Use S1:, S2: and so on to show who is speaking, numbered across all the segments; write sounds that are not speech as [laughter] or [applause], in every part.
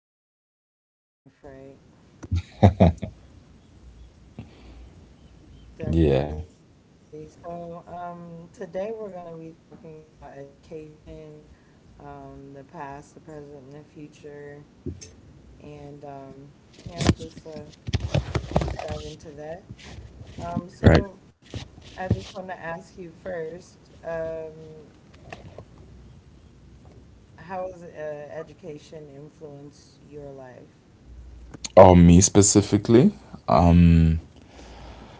S1: fun place to be in life, right?
S2: Yeah.
S1: Definitely. Today we're going to be talking about education, the past, the present, and the future, and yeah, just a deep dive into that. Um, so,
S2: Right.
S1: I just want to ask you first, how has education influenced your life?
S2: Oh, me specifically? Um,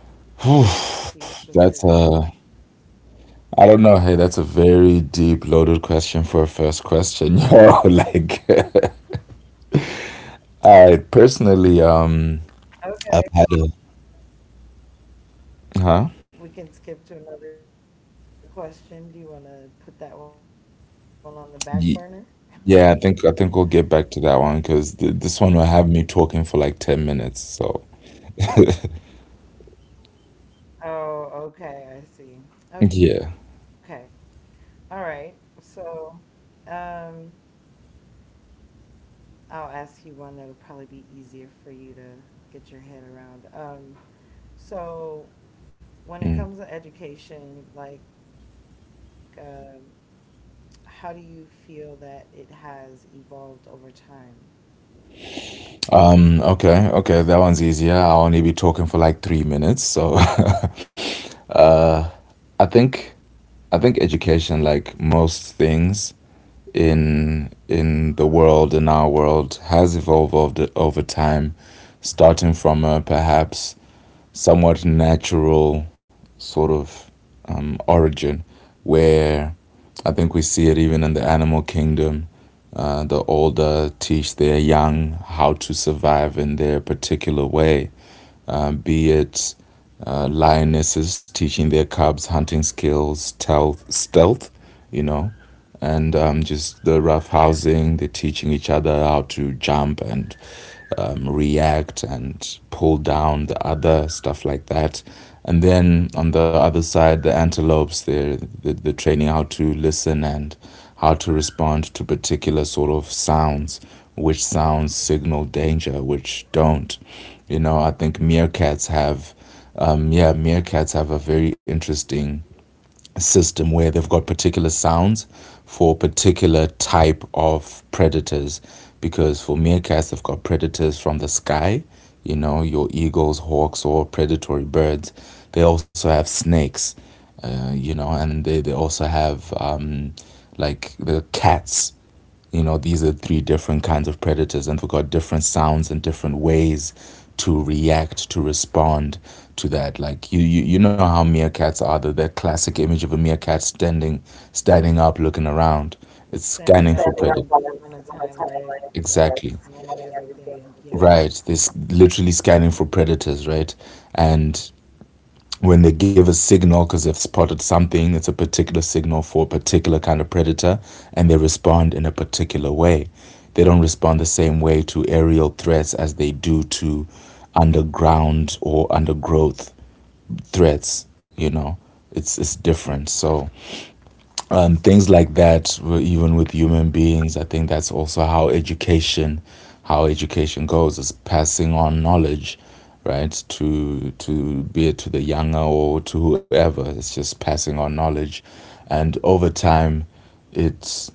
S1: Yes, you
S2: whew,
S1: specifically.
S2: that's a. I don't know. Hey, that's a very deep loaded question for a first question. [laughs] Yo, like, [laughs] I personally,
S1: Okay.
S2: I've had a.
S1: We can
S2: Huh?
S1: skip to another question. Do you want to put that one on the back burner?
S2: Ye- Yeah, I think we'll get back to that one because this one will have me talking for like 10 minutes. So,
S1: Oh, okay, I see. Okay. All right. So, um, I'll ask you one that'll probably be easier for you to get your head around. So when it comes to education,
S2: yeah.
S1: how do you feel that it has evolved over time?
S2: Okay, that one's easier. I'll only be talking for like 3 minutes. So. [laughs] I think I think education, like most things in the world, in our world, has evolved over time, starting from a perhaps somewhat natural sort of origin, where I think we see it even in the animal kingdom. The older teach their young how to survive in their particular way, be it lionesses teaching their cubs hunting skills, stealth, you know, and just the rough housing. They're teaching each other how to jump and react and pull down the other, stuff like that. And then on the other side, the antelopes. They're training how to listen and how to respond to particular sort of sounds, which sounds signal danger, which don't. You know, I think meerkats have a very interesting system where they've got particular sounds for particular type of predators. Because for meerkats, they've got predators from the sky, you know, your eagles, hawks, or predatory birds. They also have snakes, you know, and they also have like the cats. You know, these are three different kinds of predators, and they've got different sounds and different ways to react, to respond to that. Like you know how meerkats are. The that classic image of a meerkat standing up, looking
S1: Standing up on
S2: around.
S1: its
S2: It's
S1: on its
S2: scanning
S1: hind
S2: for
S1: legs,
S2: predators.
S1: like scanning everything.
S2: Exactly.
S1: Yeah,
S2: Right, this literally scanning for predators, right? And when they give a signal because they've spotted something, it's a particular signal for a particular kind of predator, and they respond in a particular way. They don't respond the same way to aerial threats as they do to underground or undergrowth threats. You know, it's
S1: that's a
S2: different. So
S1: pretty cool
S2: things
S1: system.
S2: like that, even with human beings, I think that's also how education goes, is passing on knowledge, right, to be it to the younger or to whoever. It's just passing on knowledge, and over time, it's,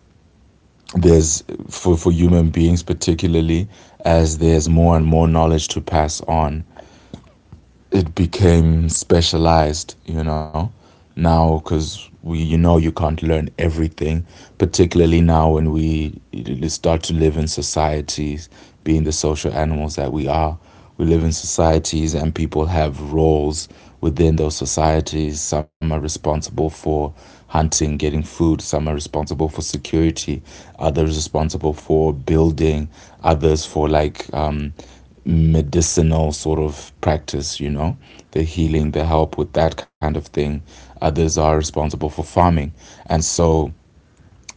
S2: there's, for human beings particularly, as there's more and more knowledge to pass on, it became specialized. You know, now because we, you know, you can't learn everything, particularly now when we start to live in societies, being the social animals that we are. We live in societies and people have roles within those societies. Some are responsible for hunting, getting food, some are responsible for security, others responsible for building, others for like medicinal sort of practice, you know, the healing, the help with that kind of thing. Others are responsible for farming. And so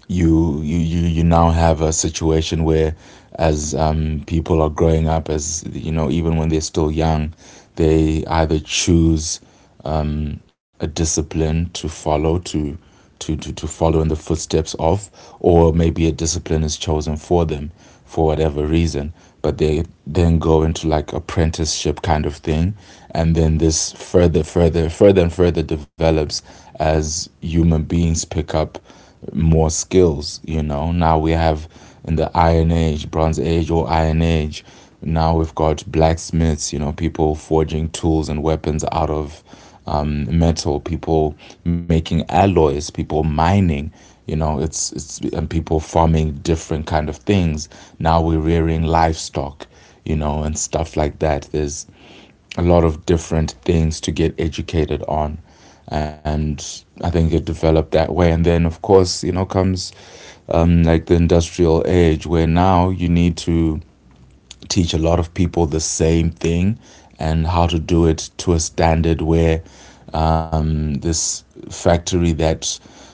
S2: you now have a situation where, as people are growing up, as you know, even when they're still young, they either choose a discipline to follow, to follow in the footsteps of, or maybe a discipline is chosen for them, for whatever reason, but they then go into like apprenticeship kind of thing. And then this further and further develops as human beings pick up more skills. You know, now we have, in the Iron Age, Bronze Age, or Iron Age, now we've got blacksmiths, you know, people forging tools and weapons out of metal, people making alloys, people mining. You know, it's and people farming different kind of things. Now we're rearing livestock, you know, and stuff like that. There's a lot of different things to get educated on, and I think it developed that way. And then, of course, you know, comes like the industrial age, where now you need to teach a lot of people the same thing and how to do it to a standard where, this factory that,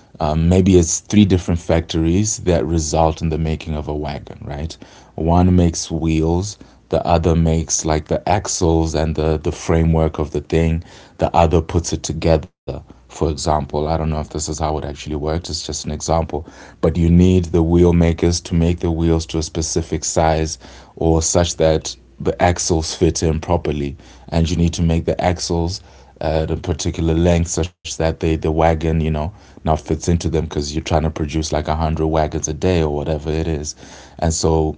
S2: maybe it's three different factories that result in the making of a wagon, right? One makes wheels, the other makes like the axles and the framework of the thing, the other puts it together. For example, I don't know if this is how it actually works, it's just an example. But you need the wheel makers to make the wheels to a specific size, or such that the axles fit in properly, and you need to make the axles at a particular length such that they, the wagon, you know, now fits into them, because you're trying to produce like a hundred wagons a day or whatever it is. And so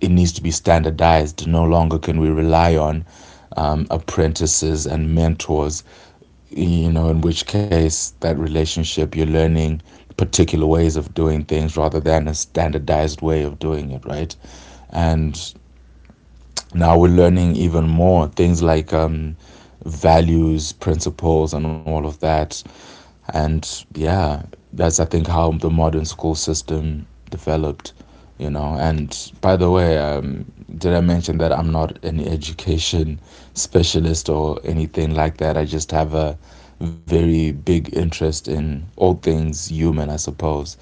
S2: it needs to be standardized. No longer can we rely on apprentices and mentors. You know, in which case that relationship, you're learning particular ways of doing things rather than a standardized way of doing it, right? And now we're learning even more things like values, principles, and all of that. And yeah, that's I think how the modern school system developed, you know. And by the way, did I mention that I'm not an education specialist or anything like that? I just have a very big interest in all things human, I suppose.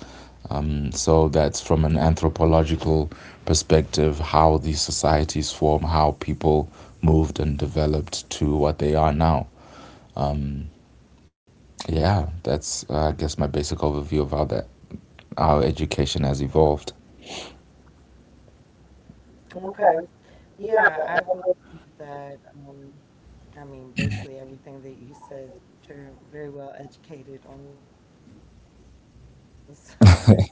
S2: So that's from an anthropological perspective, how these societies form, how people moved and developed to what they are now. Yeah, that's I guess my basic overview of how that our education has evolved.
S1: Okay. Yeah, I believe that. I mean, basically everything that you said. Since You're very well educated on the [laughs] subject, but I do believe that.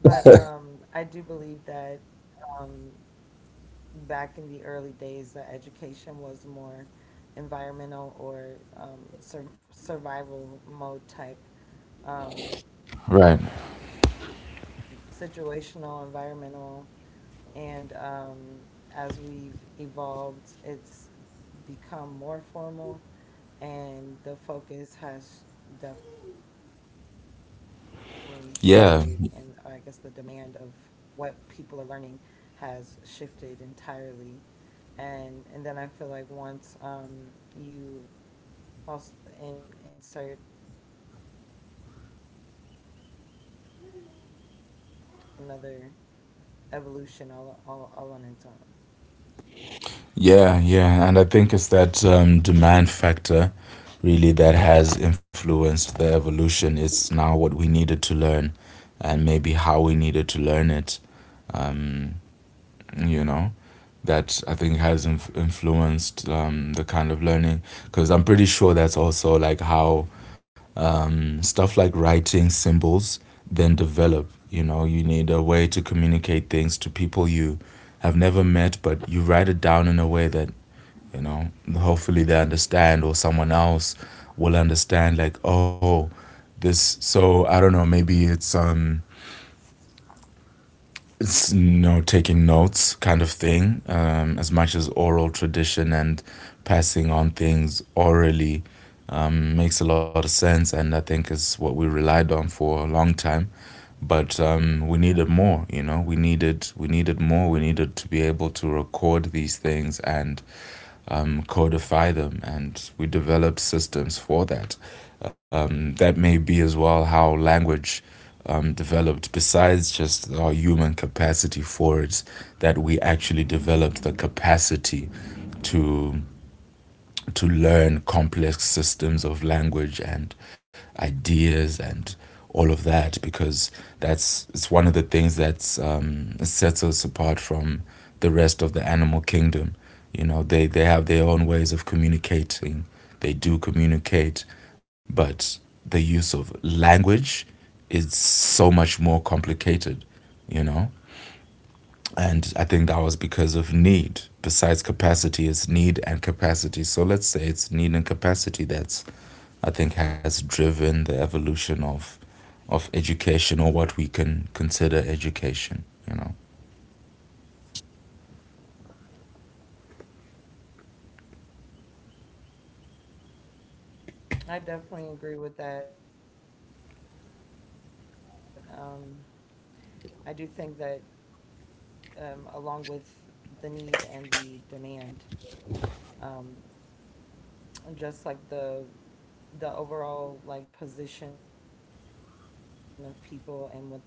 S1: Um, Back in the early days, education was more environmental or survival mode type education and very
S2: Right.
S1: informal, just situational, environmental and as we've evolved, it's become more formal, and the focus has definitely shifted. And I guess the demand of
S2: Yeah.
S1: what people are learning has shifted entirely. And then I feel like once you also insert technology with education, then that's like another evolution all on its own.
S2: Yeah. Yeah. And I think it's that demand factor really that has influenced the evolution. It's now what we needed to learn and maybe how we needed to learn it. Um, you know, that I think has influenced the kind of learning, because I'm pretty sure that's also like how stuff like writing symbols then develop. You know, you need a way to communicate things to people you have never met, but you write it down in a way that, you know, hopefully they understand, or someone else will understand, like, oh, this. So I don't know, maybe it's, it's, you know, taking notes kind of thing, as much as oral tradition and passing on things orally makes a lot of sense, and I think is what we relied on for a long time. But we needed more. You know, we needed to be able to record these things and codify them, and we develop systems for that. That may be as well how language developed, besides just our human capacity for it, that we actually developed the capacity to to learn complex systems of language and ideas and all of that, because that's, it's one of the things that sets us apart from the rest of the animal kingdom. You know, they have their own ways of communicating. They do communicate, but the use of language is so much more complicated. You know, and I think that was because of need. Besides capacity, it's need and capacity. So let's say it's need and capacity that's I think has driven the evolution of education, or what we can consider education, you know.
S1: I definitely agree with that. I do think that, along with the need and the demand, um, and just like the overall like position of people and what they needed also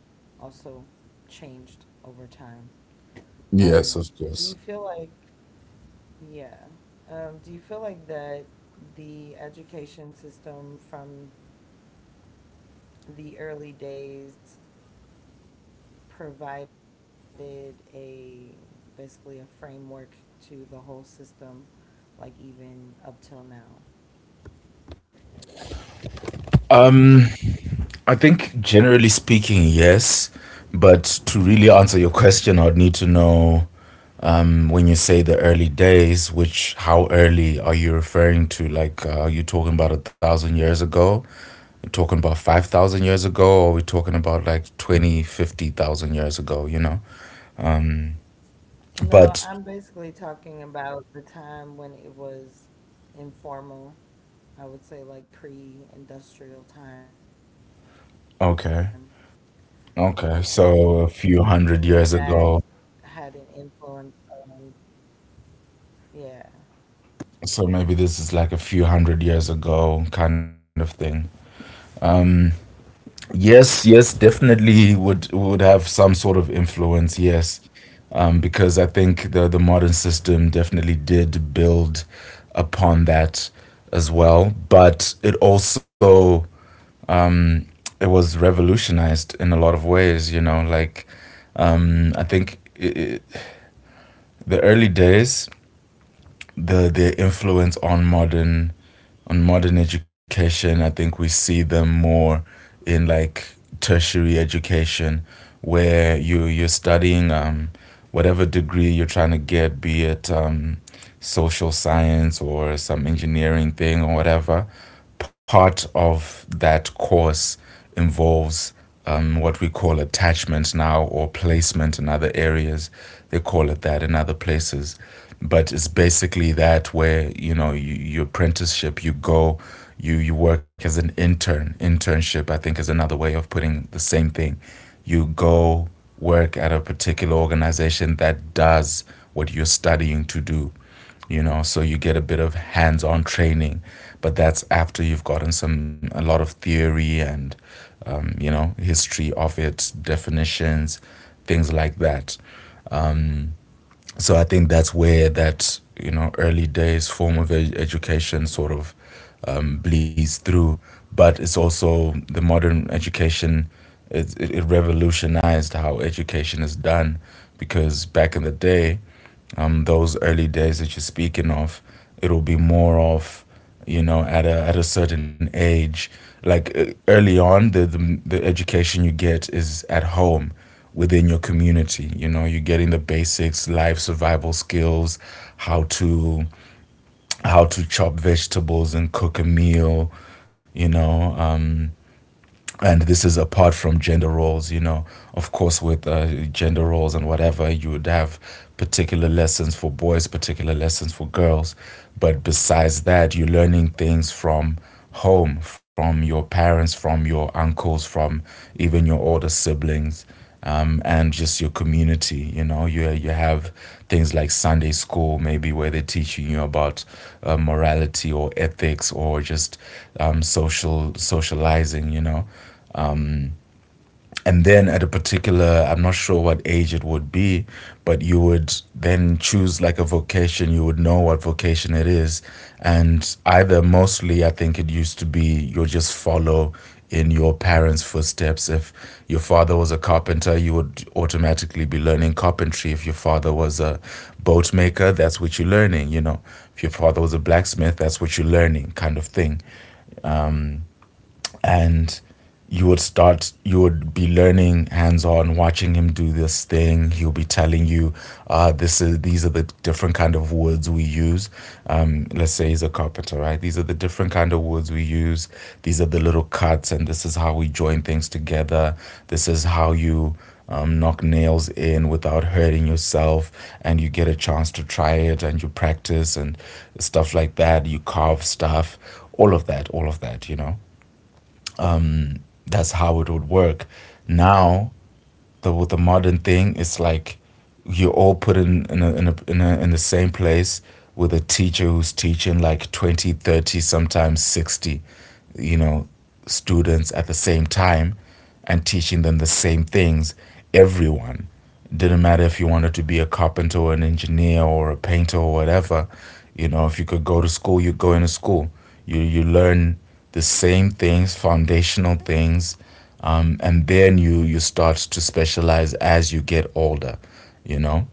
S1: changed over time. Um, do
S2: Yes,
S1: you
S2: of
S1: feel
S2: course.
S1: like, yeah, do you feel like that the education system from the early days provided a, basically a framework to the whole system, like even up till now.
S2: Um I think generally speaking, yes. But to really answer your question, I'd need to know, when you say the early days, which, how early are you referring to? Like, are you talking about a thousand years ago? We're talking about 5,000 years ago, or we're talking about like 20, 50,000 years ago, you know? Um,
S1: No, I'm basically
S2: but,
S1: talking about the time when it was informal. I would say like pre-industrial time. Like, do you think
S2: okay.
S1: any of that
S2: Okay.
S1: had an
S2: So a
S1: influence
S2: few hundred
S1: on,
S2: years ago.
S1: yeah,
S2: So maybe this is like a few hundred years ago kind of thing. Um, yes,
S1: yeah,
S2: yes, definitely would have some sort of influence. Yes, because I think the modern system definitely did build upon that as well. But it also, it was revolutionized in a lot of ways. You know, like I think the early days, the influence on modern, on modern education, I think we see them more in like tertiary education, where you're studying whatever degree you're trying to get, be it social science or some engineering thing or whatever. Part of that course involves what we call attachment now, or placement in other areas. They call it that in other places. But it's basically that where, you know, you, your apprenticeship, you go, you work as an intern. Internship, I think, is another way of putting the same thing. You go work at a particular organization that does what you're studying to do, so you get a bit of hands-on training, but that's after you've gotten some a lot of theory and you know, history of it, definitions, things like that. So I think that's where that, you know, early days form of education sort of bleeds through. But it's also the modern education, it revolutionized how education is done, because back in the day, those early days that you're speaking of, it'll be more of, you know, at a certain age, like early on, the education you get is at home within your community. You know, you're getting the basics, life survival skills, how to how to chop vegetables and cook a meal, you know. And this is apart from gender roles, you know. Of course, with gender roles and whatever, you would have particular lessons for boys, particular lessons for girls. But besides that, you're learning things from home, from your parents, from your uncles, from even your older siblings, and just your community. You know, you have things like Sunday school, maybe, where they're teaching you about morality or ethics or just social socializing, you know. And then at a particular, I'm not sure what age it would be, but you would then choose like a vocation, you would know what vocation it is. And either, mostly I think it used to be, you'll just follow in your parents' footsteps. If your father was a carpenter, you would automatically be learning carpentry. If your father was a boat maker, that's what you're learning, you know. If your father was a blacksmith, that's what you're learning, kind of thing. And you would start, you would be learning hands-on, watching him do this thing. He'll be telling you, this is, these are the different kind of woods we use. Let's say he's a carpenter, right? These are the different kind of woods we use, these are the little cuts, and this is how we join things together. This is how you knock nails in without hurting yourself. And you get a chance to try it, and you practice and stuff like that. You carve stuff, all of that, all of that, you know. That's how it would work. Now, the, with the modern thing, it's like you're all put in in the same place with a teacher who's teaching like 20, 30, sometimes 60, you know, students at the same time, and teaching them the same things, everyone. Didn't matter if you wanted to be a carpenter or an engineer or a painter or whatever. You know, if you could go to school, you go into school. You learn the same things, foundational things, and then you start to specialize as you get older. You know,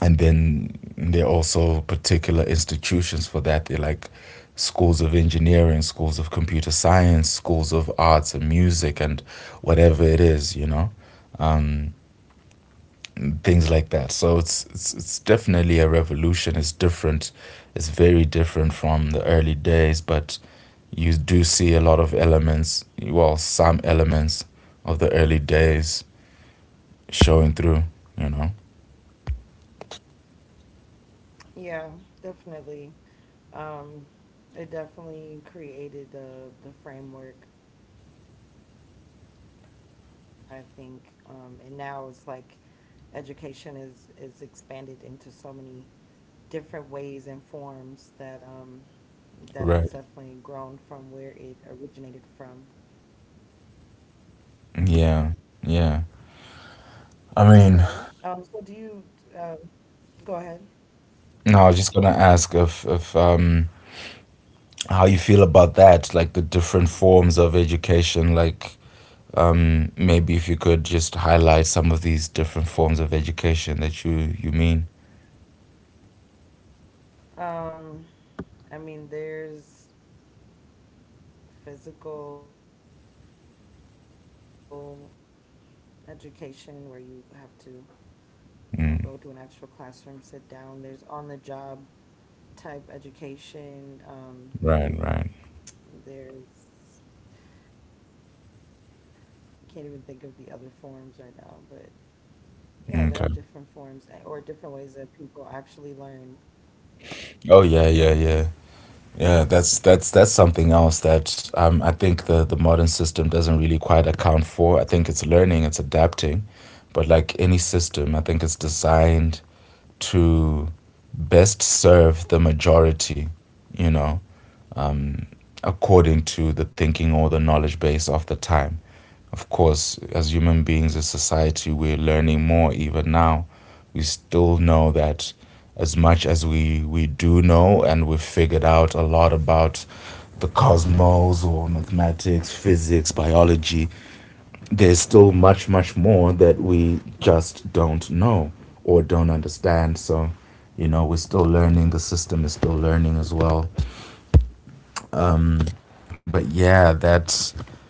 S2: and then there are also particular institutions for that. They're like schools of engineering, schools of computer science, schools of arts and music, and whatever it is. You know. Um, and things like that. So it's definitely a revolution. It's different. It's very different from the early days, but you do see a lot of elements, well, some elements of the early days showing through, you know.
S1: yeah, definitely. Um, it definitely created the framework, I think, and now it's like education is expanded into so many different ways and forms that that it's definitely grown from
S2: Right.
S1: where it originated from.
S2: Yeah. Yeah.
S1: Okay. So do
S2: I
S1: you
S2: mean,
S1: uh, Go ahead?
S2: no, I was just gonna ask if how you feel about that, like the different forms of education, like. Maybe if you could just highlight some of these different forms of education that you mean.
S1: Um, I mean, there's physical education where you have to you know, go to an actual classroom, sit
S2: Mm,
S1: down. There's on the job type education.
S2: right, right.
S1: There's, I can't even think of the other forms right now, but yeah, there are different forms or
S2: Okay.
S1: different ways that people actually learn.
S2: Oh yeah, yeah, yeah. Yeah, that's something else that I think the modern system doesn't really quite account for. I think it's learning, it's adapting, but like any system, I think it's designed to best serve the majority, you know, according to the thinking or the knowledge base of the time. Of course, as human beings, as society, we're learning more even now. We still know that, as much as we do know and we've figured out a lot about the cosmos or mathematics, physics, biology, there's still much, much more that we just don't know or don't understand. So, you know, we're still learning, the system is still learning as well. But yeah, that's.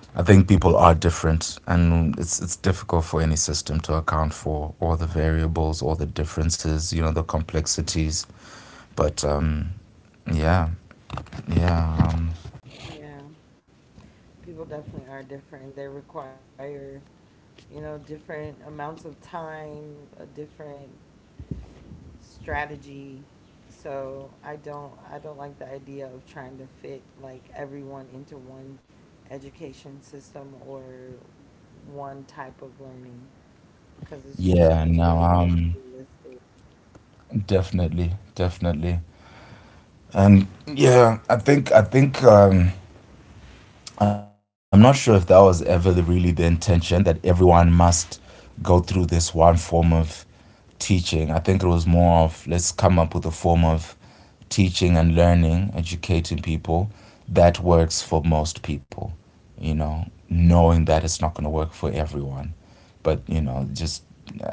S2: I think people are different, and it's difficult for any system to account for all the variables, all the differences, you know, the complexities. But yeah, yeah, um,
S1: Yeah, people definitely are different. They require, you know, different amounts of time, a different strategy. So I don't like the idea of trying to fit like everyone into one education system or one type of learning because it's just
S2: yeah.
S1: it's really
S2: No,
S1: not realistic.
S2: definitely, definitely, and yeah. I think I'm not sure if that was ever the, really the intention that everyone must go through this one form of teaching. I think it was more of, let's come up with a form of teaching and learning, educating people, that works for most people, you know, knowing that it's not going to work for everyone. But, you know, just,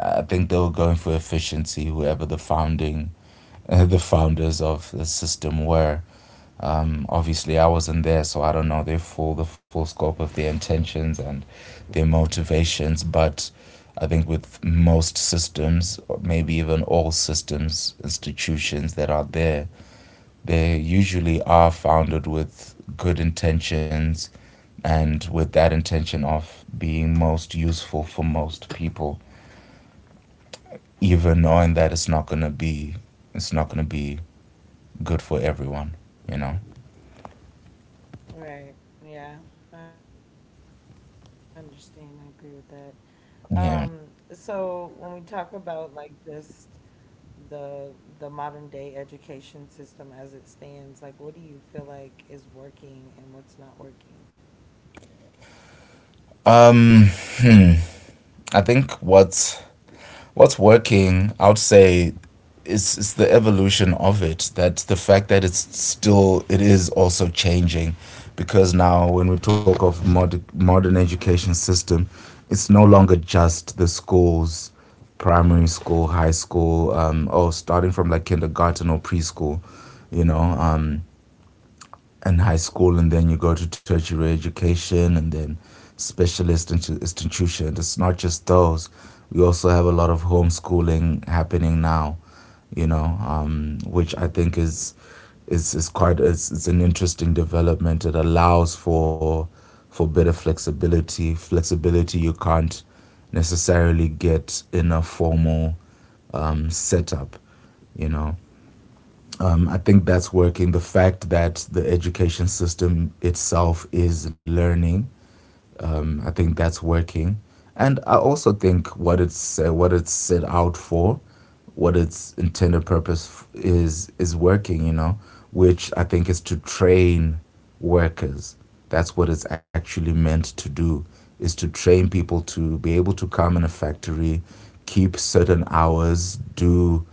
S2: I think they were going for efficiency, whoever the founding. [laughs] The founders of the system were obviously I wasn't there, so I don't know their full, the full scope of their intentions and their motivations. But I think with most systems, or maybe even all systems, institutions that are there, they usually are founded with good intentions and with that intention of being most useful for most people, even knowing that it's not gonna be good for everyone, you know?
S1: Right. Yeah, I understand. I agree with that. So when we
S2: Yeah.
S1: talk about like just the modern day education system as it stands, like what do you feel like is working and what's not working?
S2: Um hmm. I think what's working, I would say, is the evolution of it. That the fact that it's still, it is also changing, because now when we talk of modern education system, it's no longer just the schools, primary school, high school, or starting from like kindergarten or preschool, you know. And high school, and then you go to tertiary education, and then specialist institutions. It's not just those. We also have a lot of homeschooling happening now, you know, which I think is quite, it's an interesting development. It allows for better flexibility, flexibility you can't necessarily get in a formal setup, you know. I think that's working. The fact that the education system itself is learning, I think that's working. And I also think what it's, what it's set out for, what its intended purpose is working. You know, which I think is to train workers. That's what it's actually meant to do. Is to train people to be able to come in a factory, keep certain hours, do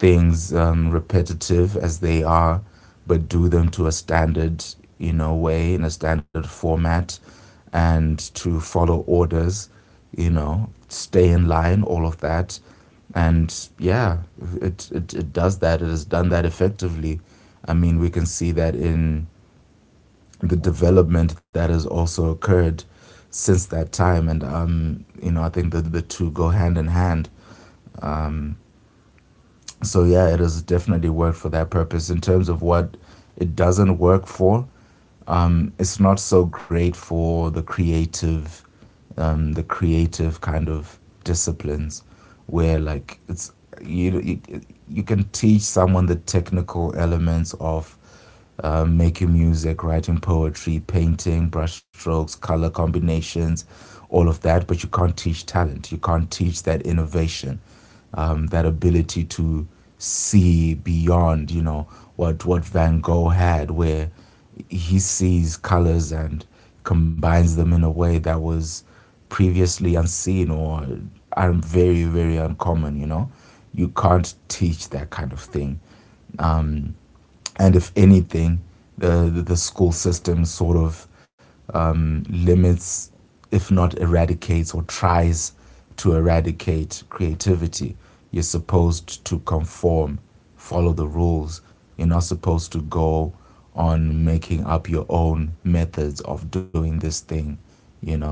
S2: things, repetitive as they are, but do them to a standard, you know, way, in a standard format, and to follow orders, you know, stay in line, all of that, and yeah, it does that. It has done that effectively. I mean, we can see that in the development that has also occurred since that time, and you know, I think that the two go hand in hand. So yeah, it has definitely worked for that purpose. In terms of what it doesn't work for, it's not so great for the creative kind of disciplines, where like it's you you, you can teach someone the technical elements of making music, writing poetry, painting, brushstrokes, color combinations, all of that, but you can't teach talent. You can't teach that innovation, that ability to see beyond, you know, what Van Gogh had, where he sees colors and combines them in a way that was previously unseen or are very, very uncommon, you know. You can't teach that kind of thing. Um, and if anything, the school system sort of limits, if not eradicates or tries to eradicate creativity. You're supposed to conform, follow the rules. You're not supposed to go on making up your own methods of doing this thing, you know.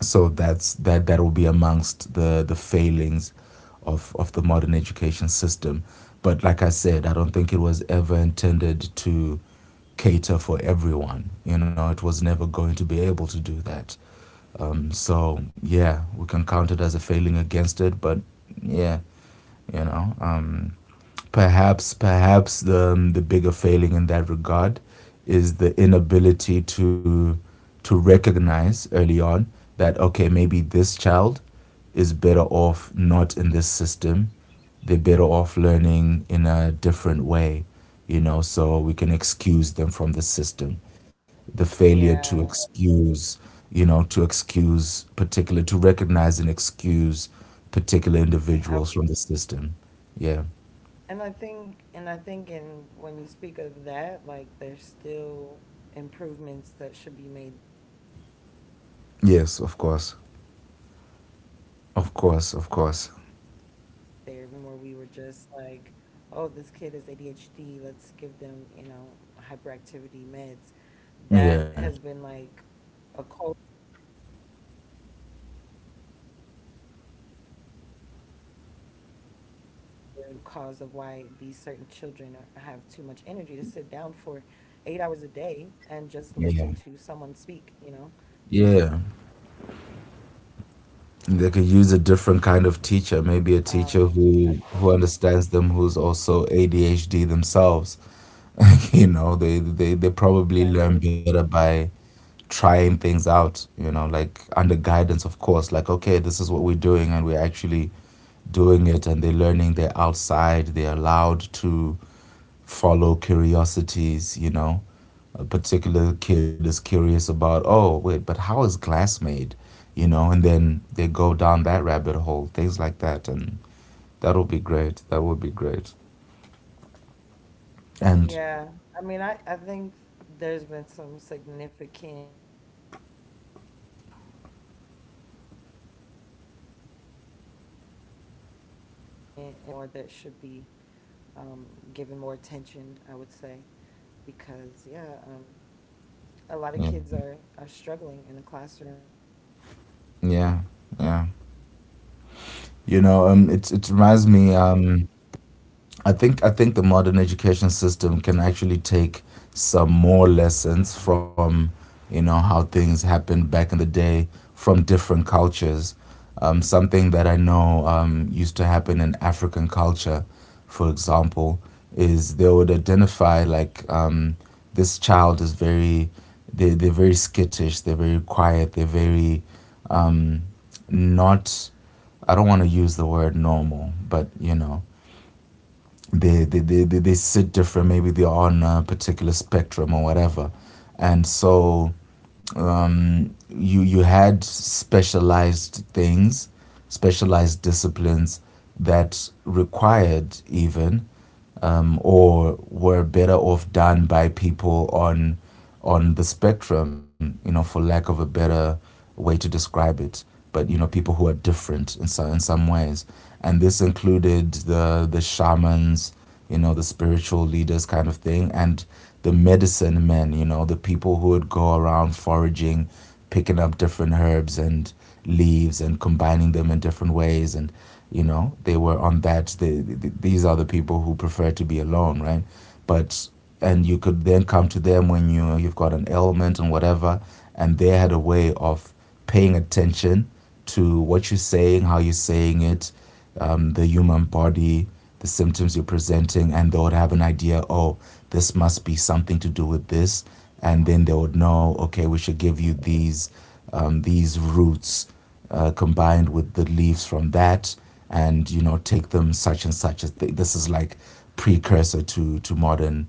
S2: So that's, that will be amongst the failings of the modern education system. But like I said, I don't think it was ever intended to cater for everyone. You know, it was never going to be able to do that. So yeah, we can count it as a failing against it, but yeah, you know. Perhaps the bigger failing in that regard is the inability to recognize early on that, okay, maybe this child is better off not in this system, they're better off learning in a different way. You know, so we can excuse them from the system, the failure
S1: Yeah,
S2: to
S1: I was gonna say
S2: excuse,
S1: that.
S2: you know, to
S1: Yeah.
S2: excuse particular, to recognize and excuse particular individuals from the system. Yeah.
S1: And I think in when you speak of that, like there's still improvements that should be made there because I think
S2: Yes,
S1: we
S2: of
S1: went
S2: course.
S1: we went through a whole period of time
S2: Of
S1: where we were
S2: course, of
S1: just
S2: course.
S1: like, oh, this kid is ADHD, let's give them, you know, hyperactivity meds. That has been like
S2: Yeah.
S1: a culture that was adapted, but nobody was really looking at the root cause of why these certain children are, have too much energy to sit down for 8 hours a day and just listen to someone speak, you know.
S2: Yeah.
S1: They needed a certain
S2: Yeah.
S1: level of engagement and
S2: They could use a
S1: um,
S2: different kind of
S1: attention.
S2: teacher, maybe a teacher who understands them, who's also ADHD themselves. [laughs] They probably learn
S1: Exactly.
S2: better by trying things out, like under guidance, of course, like, okay, this is what we're doing, and we're actually doing it, and they're learning, they're outside, they're allowed to follow curiosities. A particular kid is curious about, oh, wait, but how is glass made? And then they go down that rabbit hole, things like that, and that'll be great. That would be great. And
S1: Yeah. I think there's been some significant improvements in that area, but there is still a little bit more that should be given more attention, I would say. Because a lot of kids are struggling
S2: yeah,
S1: in the classroom, and I don't think we've
S2: yeah,
S1: all the way
S2: yeah.
S1: brought it down.
S2: It reminds me, I think the modern education system can actually take some more lessons from how things happened back in the day, from different cultures. Something that I know used to happen in African culture, for example, is they would identify, like, this child is very, they're very skittish, they're very quiet, they're very, um, not. I don't want to use the word normal, but they sit different, maybe they are on a particular spectrum or whatever, and so you had specialized things, specialized disciplines that required even, or were better off done by people on the spectrum, for lack of a better way to describe it. But, people who are different in some ways, and this included the shamans, the spiritual leaders, kind of thing, and the medicine men, the people who would go around foraging, picking up different herbs and leaves, and combining them in different ways. And they were on that. These are the people who prefer to be alone, right? But, and you could then come to them when you've got an ailment and whatever, and they had a way of paying attention to what you're saying, how you're saying it, the human body, the symptoms you're presenting, and they would have an idea, oh, this must be something to do with this. And then they would know, okay, we should give you these roots, combined with the leaves from that, and, take them such and such. As this is, like, precursor to modern,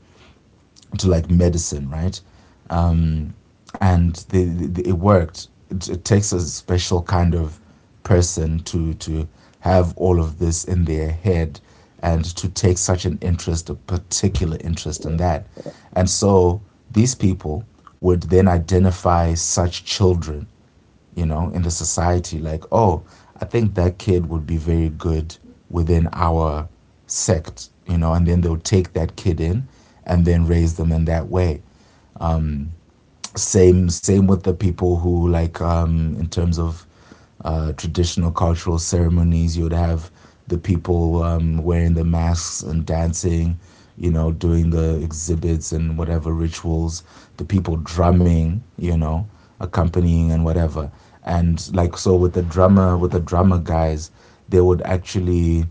S2: to like medicine, right? Um, and, it worked. It takes a special kind of person to have all of this in their head, and to take such an interest, a particular interest in that. And so these people would then identify such children, in the society. Like, oh, I think that kid would be very good within our sect, and then they'll take that kid in and then raise them in that way, same with the people who, like, in terms of, traditional cultural ceremonies, you would have the people, wearing the masks and dancing, doing the exhibits and whatever rituals, the people drumming, accompanying and whatever. And, like, so with the drummer guys, they would actually,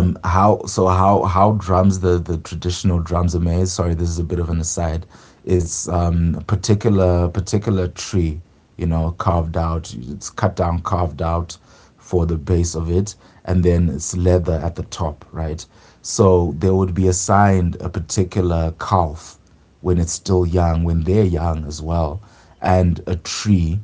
S2: how so how drums the traditional drums are made. Sorry, this is a bit of an aside. It's, a particular tree, carved out. It's cut down, carved out for the base of it, and then it's leather at the top, right? So they would be assigned a particular calf when it's still young, when they're young as well, and a tree,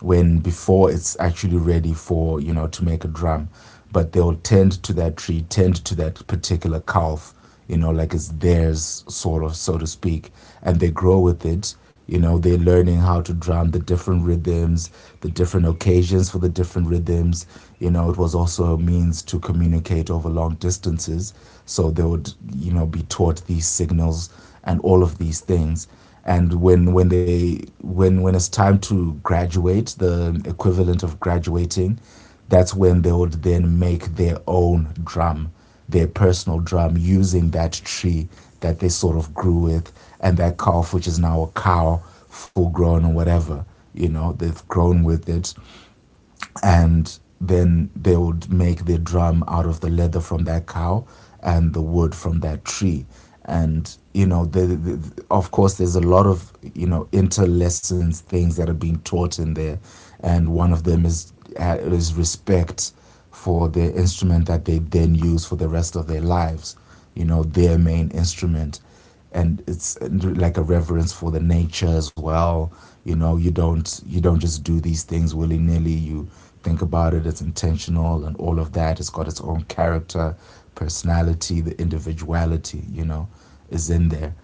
S2: when before it's actually ready for, to make a drum, but they'll tend to that tree, tend to that particular calf, like it's theirs, sort of, so to speak, and they grow with it, they're learning how to drum the different rhythms, the different occasions for the different rhythms, it was also a means to communicate over long distances, so they would, be taught these signals and all of these things. And when it's time to graduate, the equivalent of graduating, that's when they would then make their own drum, their personal drum, using that tree that they sort of grew with, and that calf, which is now a cow, full grown or whatever, they've grown with it. And then they would make their drum out of the leather from that cow and the wood from that tree. And, of course, there's a lot of, interlessons, things that are being taught in there, and one of them is respect for the instrument that they then use for the rest of their lives, their main instrument. And it's, like, a reverence for the nature as well. You don't just do these things willy nilly. You think about it. It's intentional, and all of that. It's got its own character, personality, the individuality. Is in there.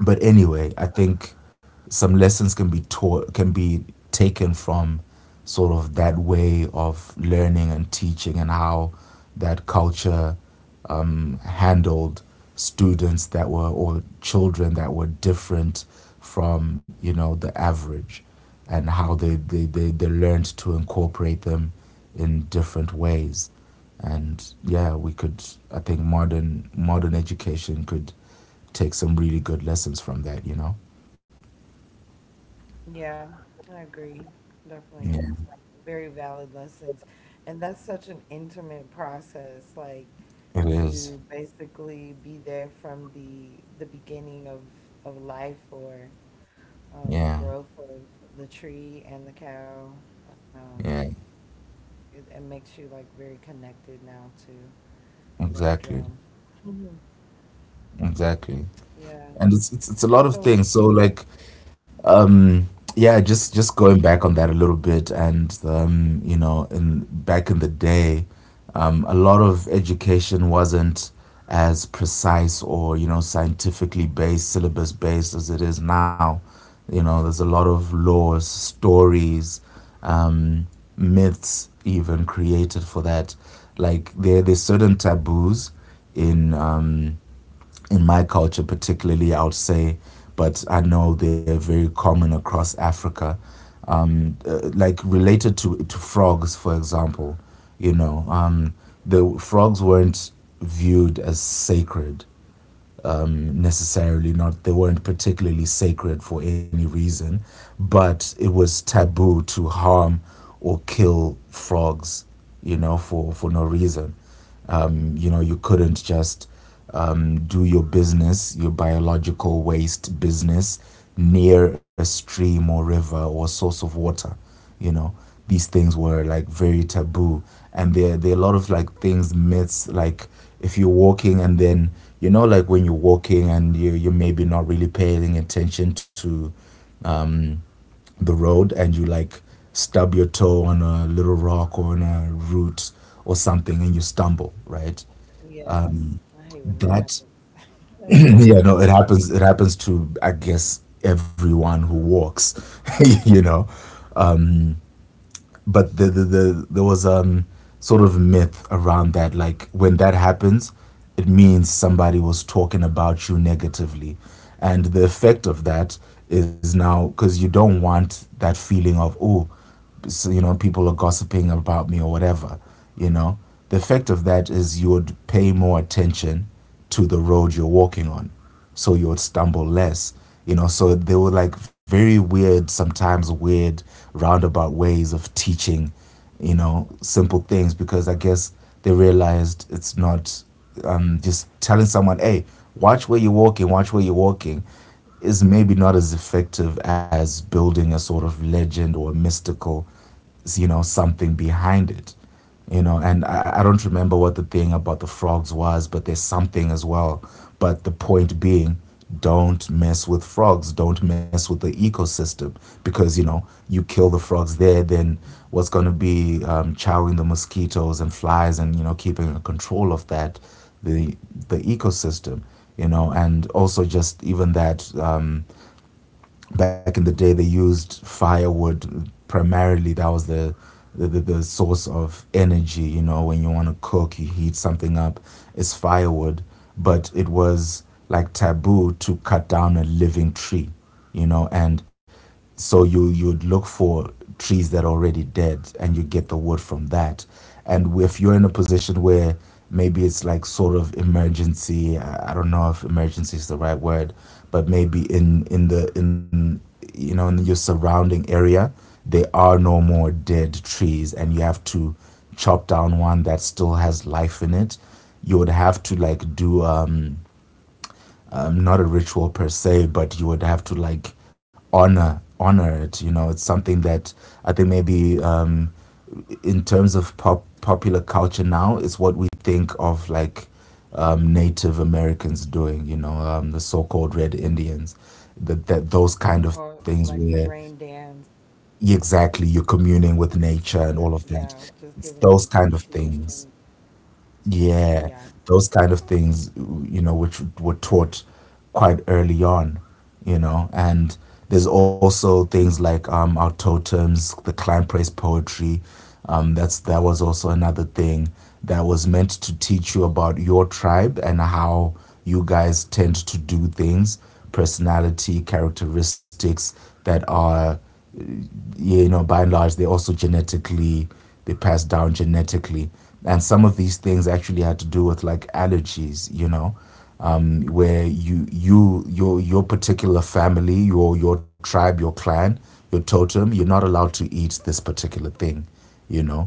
S2: But anyway, I think some lessons can be taken from sort of that way of learning and teaching, and how that culture, handled students that were or children that were different from, the average, and how they learned to incorporate them in different ways. And, yeah we could I think modern education could take some really good lessons from that, you know?
S1: Yeah, I agree.
S2: Yeah,
S1: Definitely very valid lessons. And that's such an intimate process, like
S2: it is.
S1: to basically be there from the beginning of life or
S2: Yeah,
S1: growth of the tree and the cow. Um,
S2: yeah,
S1: it makes you like very connected now too. That drum.
S2: exactly,
S1: Mhm.
S2: exactly.
S1: Yeah.
S2: And it's it's
S1: So
S2: it's a
S1: it,
S2: lot of things. So, like, um, yeah, just going back on that a little bit, and, you know, in back in the day, a lot of education wasn't as precise, or, scientifically based, syllabus based, as it is now. There's a lot of laws, stories, um, myths even, created for that. Like, there's certain taboos in um, in my culture, particularly, I would say, but I know they're very common across Africa. Like, related to frogs, for example, you know, um, the frogs weren't viewed as sacred, necessarily. Not, they weren't particularly sacred for any reason, but it was taboo to harm or kill frogs, for no reason. You couldn't just, do your business, your biological waste business, near a stream or river or source of water. you know these things were, like, very taboo, and there are a lot of, like, things myths, like, if you're walking, and then, like, when you're walking, and you're maybe not really paying attention to the road, and you, like, stub your toe on a little rock or on a root or something, and you stumble, right?
S1: yes, I hate when that
S2: that
S1: happens. [laughs]
S2: [clears throat] Yeah, no, it happens to, I guess, everyone who walks. [laughs] you know but there was, sort of, myth around that, like, when that happens, it means somebody was talking about you negatively, and the effect of that is, now, because you don't want that feeling of, oh, so, people are gossiping about me or whatever, you know the effect of that is you would pay more attention to the road you're walking on, so you would stumble less. So they were, like, very weird, sometimes weird, roundabout ways of teaching, simple things, because I guess they realized it's not, just telling someone, hey, watch where you're walking, watch where you're walking, is maybe not as effective as building a sort of legend, or a mystical, something behind it. And, I don't remember what the thing about the frogs was, but there's something as well. But the point being, don't mess with frogs, don't mess with the ecosystem, because, you kill the frogs there, then what's going to be, chowing the mosquitoes and flies, and, keeping control of that, the ecosystem. And also, just even that, back in the day they used firewood primarily. That was the source of energy. When you want to cook, you heat something up, it's firewood. But it was, like, taboo to cut down a living tree, and so, you'd look for trees that are already dead, and you get the wood from that. And if you're in a position where, maybe it's, like, sort of, emergency, I don't know if emergency is the right word, but maybe, in the in in your surrounding area, there are no more dead trees, and you have to chop down one that still has life in it. You would have to, like, do, not a ritual per se, but you would have to, like, honor it. It's something that I think, maybe, in terms of, popular culture now, is what we think of, like, Native Americans doing. The so-called Red Indians, that that those kind of
S1: Or
S2: things,
S1: like
S2: where,
S1: the rain dance,
S2: yeah,
S1: or
S2: exactly,
S1: yeah,
S2: you're
S1: just giving
S2: communing
S1: an
S2: with nature, and all of
S1: appreciation
S2: that. It's those
S1: to
S2: kind of
S1: yeah.
S2: things. Yeah, those kind of things, you know, which were taught quite early on, you know, and there's also things like our totems, the clan praise poetry, that was also another thing that was meant to teach you about your tribe and how you guys tend to do things, personality characteristics that are, yeah, you know, by and large, they're also genetically, they pass down genetically. And some of these things actually had to do with like allergies, you know, where your particular family, your tribe, your clan, your totem, you're not allowed to eat this particular thing, you know.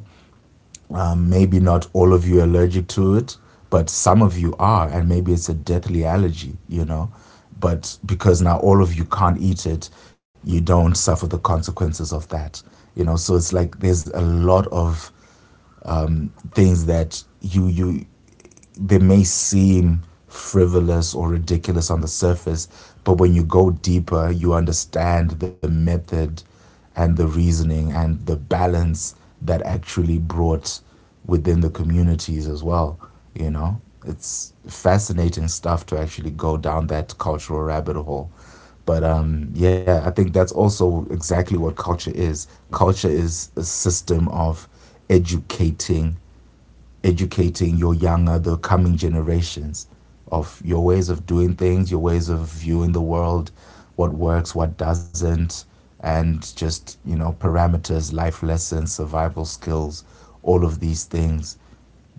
S2: Maybe not all of you are allergic to it, but some of you are, and maybe it's a deathly allergy, you know. But because now all of you can't eat it, you don't suffer the consequences of that, you know. So it's like there's a lot of things that you they may seem frivolous or ridiculous on the surface, but when you go deeper, you understand the method and the reasoning and the balance that actually brought within the communities as well. You know, it's fascinating stuff to actually go down that cultural rabbit hole. But yeah, I think that's also exactly what culture is. Culture is a system of educating educating your younger, the coming generations of your ways of doing things, your ways of viewing the world, what works, what doesn't, and just, you know, parameters, life lessons, survival skills, all of these things.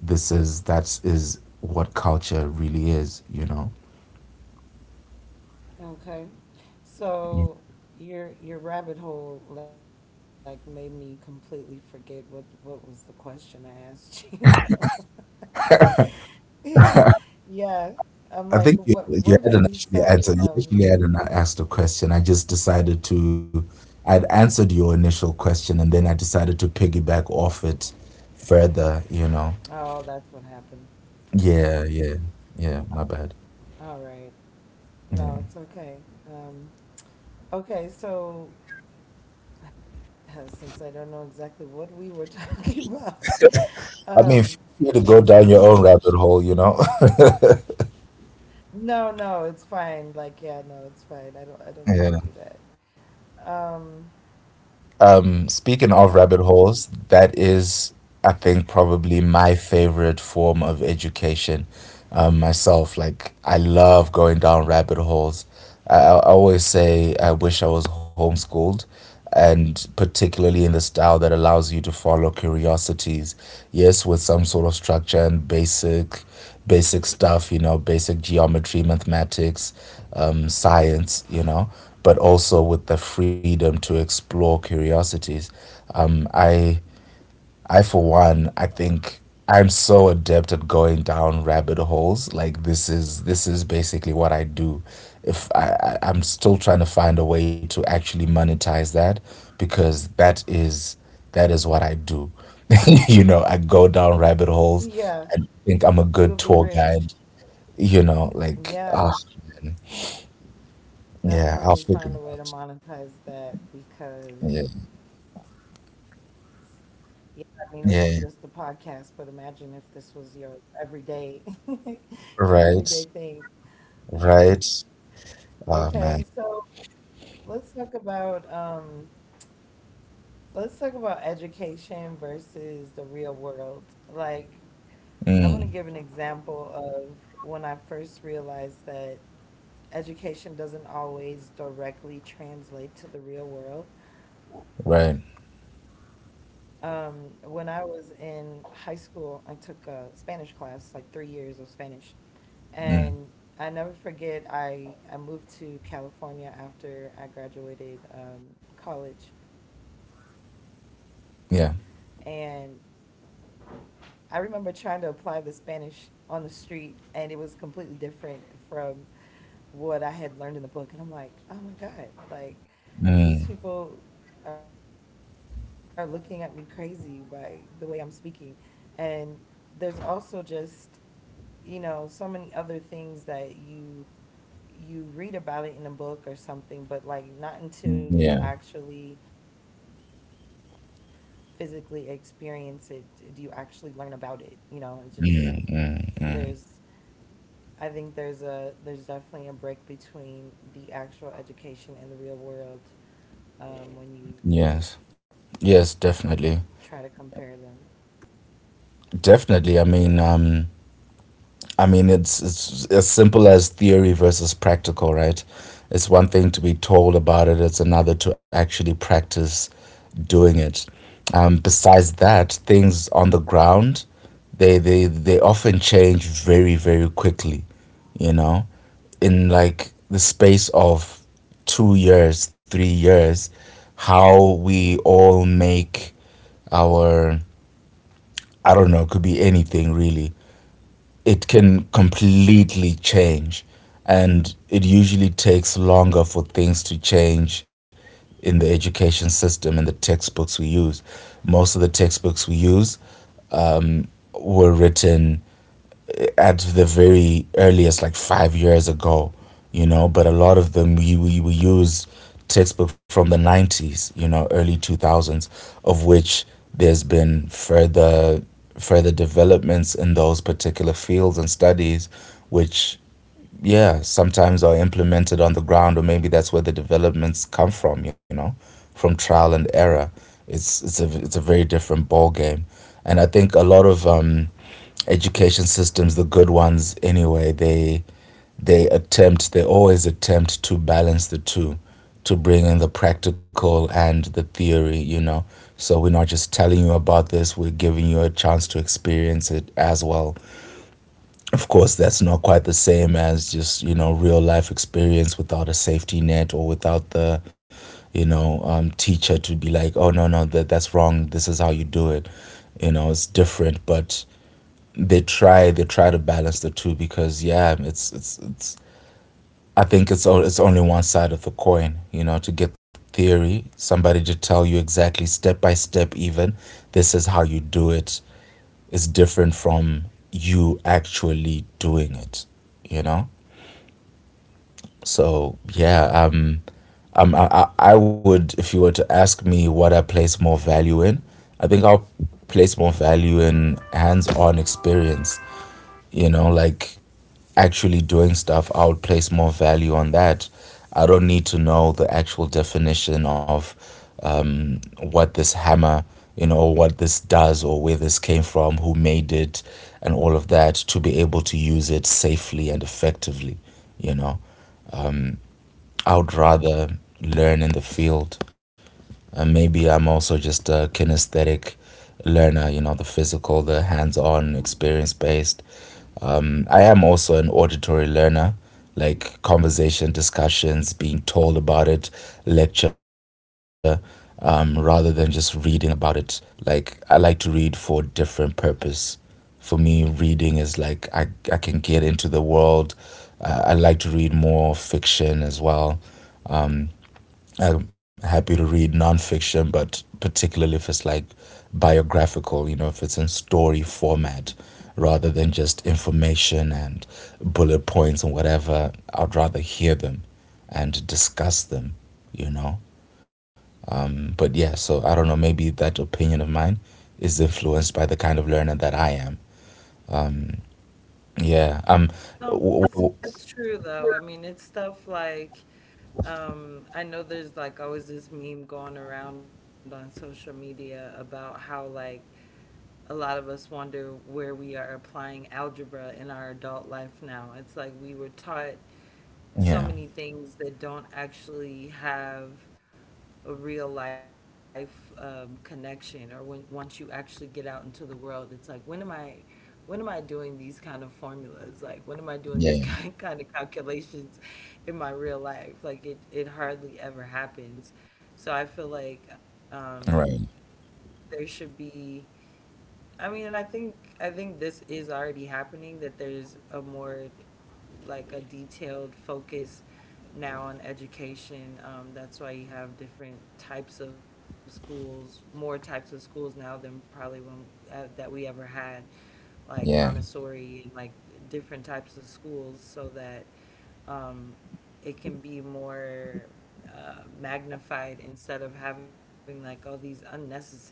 S2: That is what culture really is, you know?
S1: Okay.
S2: Yeah.
S1: So your rabbit hole like made me completely forget what was the question I asked [laughs] you. [laughs] Yeah. I'm like,
S2: I
S1: what
S2: think
S1: where
S2: you,
S1: did we
S2: you hadn't
S1: start?
S2: actually answered. You actually hadn't asked a question. I just decided to. I'd answered your initial question, and then I decided to piggyback off it further. You know.
S1: Oh, that's what happened. Okay.
S2: Yeah, yeah, yeah. My bad.
S1: All right. No,
S2: Yeah.
S1: it's okay. Um, okay, so [laughs] since I don't know exactly what we were [laughs] talking about,
S2: I
S1: um,
S2: mean, feel free to go down your
S1: [laughs]
S2: own rabbit hole. You know.
S1: no, no, it's fine. Like, yeah, no, it's fine. I
S2: [laughs]
S1: don't need
S2: yeah.
S1: to do that. Um,
S2: Speaking of rabbit
S1: okay.
S2: holes, that is, I think, probably my favorite form of education. Myself, like I love going down rabbit holes. I always say I wish I was homeschooled, and particularly in the style that allows you to follow curiosities, yes, with some sort of structure and basic stuff, you know, basic geometry, mathematics, science, you know, but also with the freedom to explore curiosities. Um, I I, for one, I think I'm so adept at going down rabbit holes. Like this is basically what I do. If I, I I'm still trying to find a way to actually monetize that, because that is what I do. [laughs] you know, I go down rabbit holes
S1: Yeah,
S2: and think I'm a good
S1: you will
S2: tour
S1: be
S2: guide.
S1: rich.
S2: You know, like ah,
S1: Yeah,
S2: man. Yeah, I'll figure it
S1: definitely find a
S2: out.
S1: way to monetize that
S2: Yeah,
S1: because, yeah, I mean, this is just the podcast, but imagine
S2: yeah,
S1: if this was your everyday, [laughs] your everyday thing.
S2: right, right.
S1: Okay, so
S2: Ah, man,
S1: let's talk about um let's talk about education versus the real world. Like I'm gonna give
S2: mm,
S1: an example of when I first realized that education doesn't always directly translate to the real world.
S2: right,
S1: When I was in high school, I took a Spanish class, like 3 years of Spanish. And
S2: mm,
S1: I never forget. I moved to California after I graduated college, and
S2: yeah.
S1: I remember trying to apply the Spanish on the street, and it was completely different from what I had learned in the book. And I'm like, oh my god, like these
S2: Mm,
S1: people are looking at me crazy by the way I'm speaking, and there's also just you know so many other things that you read about it in a book or something, but like not until you
S2: yeah.
S1: actually physically experience it do you actually learn about it. You know, it just
S2: Mm, mm,
S1: there's
S2: mm.
S1: I think there's a there's definitely a break between the actual education and the real world when you
S2: Yes.
S1: try to compare
S2: Yes,
S1: them.
S2: definitely. Definitely. I mean, it's as simple as theory versus practical, right? It's one thing to be told about it; it's another to actually practice doing it. Besides that, things on the ground, they often change very very quickly. You know, in like the space of 2 years, 3 years, how we all make our I don't know, it could be anything really, it can completely change. And it usually takes longer for things to change in the education system and the textbooks we use. Most of the textbooks we use were written at the very earliest, like 5 years ago, you know, but a lot of them we use textbook from the 90s, you know, early 2000s, of which there's been further developments in those particular fields and studies, which yeah, sometimes are implemented on the ground, or maybe that's where the developments come from, you know, from trial and error. It's a very different ball game, and I think a lot of education systems, the good ones anyway, they always attempt to balance the two, to bring in the practical and the theory, you know. So we're not just telling you about this, we're giving you a chance to experience it as well. Of course, that's not quite the same as just, you know, real life experience without a safety net or without the, you know, teacher to be like, oh, no, no, that's wrong. This is how you do it, you know. It's different, but they try to balance the two because yeah, it's it's. I think it's only one side of the coin. You know, to get the theory, somebody to tell you exactly step by step, even this is how you do it is different from you actually doing it. You know, so yeah, I would, if you were to ask me what I place more value in, I think I'll place more value in hands-on experience. You know, like actually doing stuff, I would place more value on that. I don't need to know the actual definition of what this hammer, you know, what this does or where this came from, who made it, and all of that to be able to use it safely and effectively, you know.
S1: Right.
S2: I would rather learn in the field. And maybe I'm also just a kinesthetic learner, you know, the physical, the hands on, experience based. I am also an auditory learner, like conversation, discussions, being told about it, lecture, rather than just reading about it. Like I like to read for different purpose. For me, reading is like I can get into the world. I like to read more fiction as well. I'm happy to read nonfiction, but particularly if it's like biographical, you know, if it's in story format rather than just information and bullet points and whatever, I'd rather hear them and discuss them, you know. But yeah, so I don't know, maybe that opinion of mine is influenced by the kind of learner that I am. Yeah.
S1: No, but
S2: W- w- w-
S1: it's true though. I mean, it's stuff like I know there's like always this meme going around on social media about how like a lot of us wonder where we are applying algebra in our adult life now. It's like we were taught so
S2: yeah.
S1: many things that don't actually have a real life connection or when once you actually get out into the world it's like when am I doing these kind of formulas like when am I doing these [laughs]
S2: Yeah.
S1: kind of calculations in my real life like it hardly ever happens so I feel like
S2: All right.
S1: there should be I mean, and I think this is already happening that there's a more like a detailed focus now on education. That's why you have different types of schools, more types of schools now than probably when that we ever had, like
S2: Yeah.
S1: Montessori and like different types of schools, so that um, it can be more magnified instead of having like all these unnecessary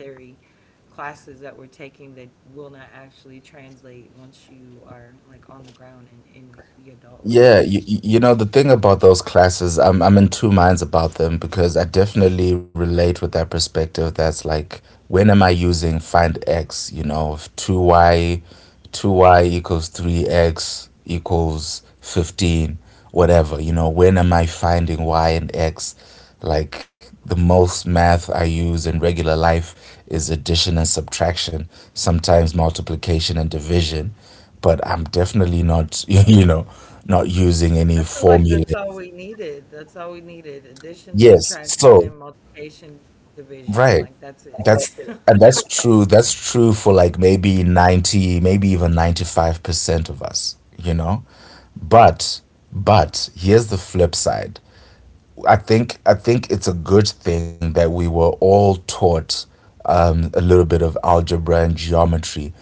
S1: classes that we're taking that will not actually translate once you are like on the ground and in the adult life.
S2: Yeah, you know, the thing about those classes, I'm in two minds about them because I definitely relate with that perspective that's like, when am I using find X, you know, if 2Y 2y equals 3x equals 15, whatever, you know, when am I finding y and x? Like the most math I use in regular life is addition and subtraction, sometimes multiplication and division, but I'm definitely not [laughs] you know not using any
S1: I feel like
S2: formula.
S1: that's all we needed. That's all we needed. Addition,
S2: Yes, so
S1: subtraction, multiplication, division. Like
S2: right,
S1: that's it. [laughs]
S2: that's, and that's true, that's true for like maybe 90, maybe even 95% of us, you know. But but here's the flip side. I think it's a good thing that we were all taught a little bit of algebra and geometry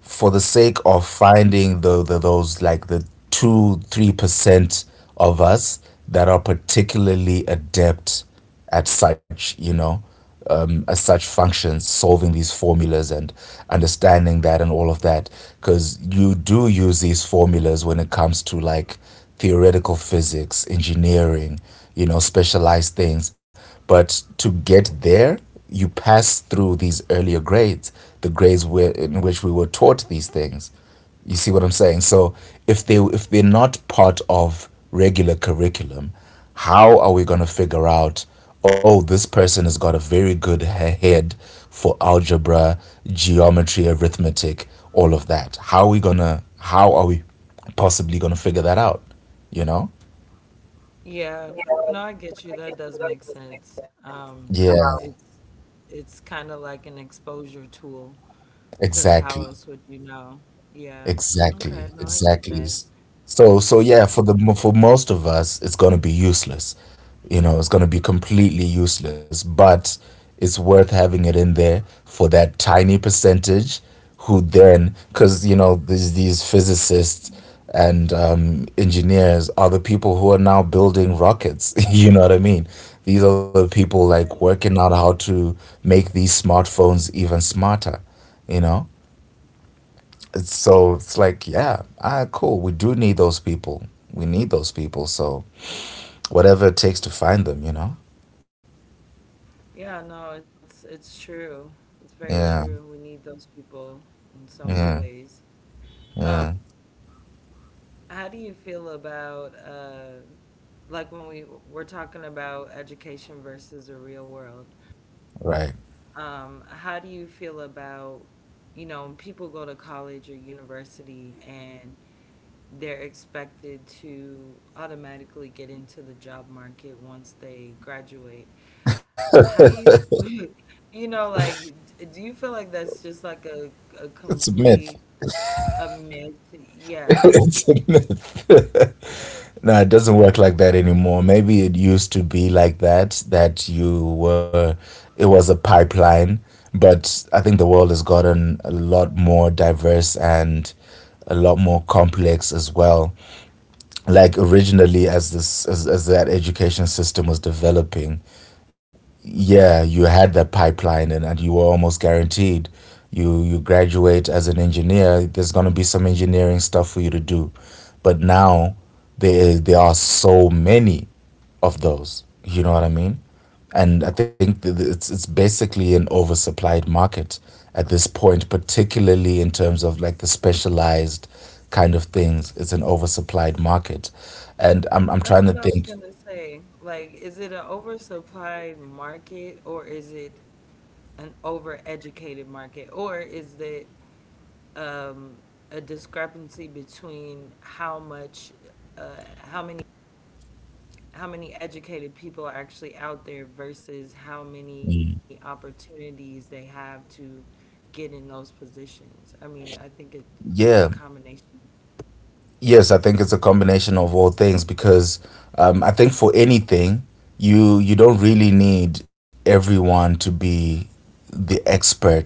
S2: for the sake of finding the those like the 2-3% of us that are particularly adept at such, you know, as such functions, solving these formulas and understanding that and all of that, because you do use these formulas when it comes to like theoretical physics, engineering, you know, specialized things. But to get there you pass through these earlier grades, the grades where, in which we were taught these things. You see what I'm saying? So if they, if they're not part of regular curriculum, how are we going to figure out? Oh, this person has got a very good head for algebra, geometry, arithmetic, all of that. How are we gonna? How are we possibly gonna figure that out? You know?
S1: Yeah, no, I get you. That does make sense.
S2: Yeah,
S1: It's kind of like an exposure tool because how else
S2: exactly.
S1: would you know? Yeah. Okay,
S2: Exactly,
S1: no, I get that.
S2: exactly. So,
S1: I
S2: so
S1: get
S2: yeah,
S1: that.
S2: for the for most of us, it's gonna be useless. You know, it's gonna be completely useless. But it's worth having it in there for that tiny percentage, who then, because you know, these physicists and engineers are the people who are now building rockets. [laughs] you know what I mean? These are the people like
S1: Right.
S2: working out how to make these smartphones even smarter. You know. So it's like, yeah, ah, cool. We do need those people. We need those people. So whatever it takes to find them, you know?
S1: Yeah, no, it's true. It's very
S2: Yeah,
S1: true. We need those people in so many
S2: yeah,
S1: ways. Um,
S2: yeah.
S1: how do you feel about like when we we're talking about education versus the real world?
S2: Right.
S1: How do you feel about, you know, people go to college or university and they're expected to automatically get into the job market once they graduate. How do you, [laughs] you know, like, do you feel like that's just like a
S2: It's a myth.
S1: complete a myth?
S2: [laughs]
S1: Yeah.
S2: it's a myth. [laughs] no, it doesn't work like that anymore. Maybe it used to be like that, that you were, it was a pipeline. But I think the world has gotten a lot more diverse and a lot more complex as well. Like originally as this as that education system was developing, yeah, you had that pipeline and you were almost guaranteed you graduate as an engineer, there's gonna be some engineering stuff for you to do. But now there are so many of those. You know what I mean? And I think it's basically an oversupplied market at this point, particularly in terms of like the specialized kind of things. It's an oversupplied market, and I'm
S1: That's
S2: trying to
S1: what I was
S2: think.
S1: gonna say. Like, is it an oversupplied market or is it an overeducated market or is it um, a discrepancy between how much, uh, how many, how many educated people are actually out there versus how many
S2: Mm.
S1: opportunities they have to get in those positions. I mean, I think it's a
S2: Yeah,
S1: combination.
S2: Yes, I think it's a combination of all things because I think for anything, you don't really need everyone to be the expert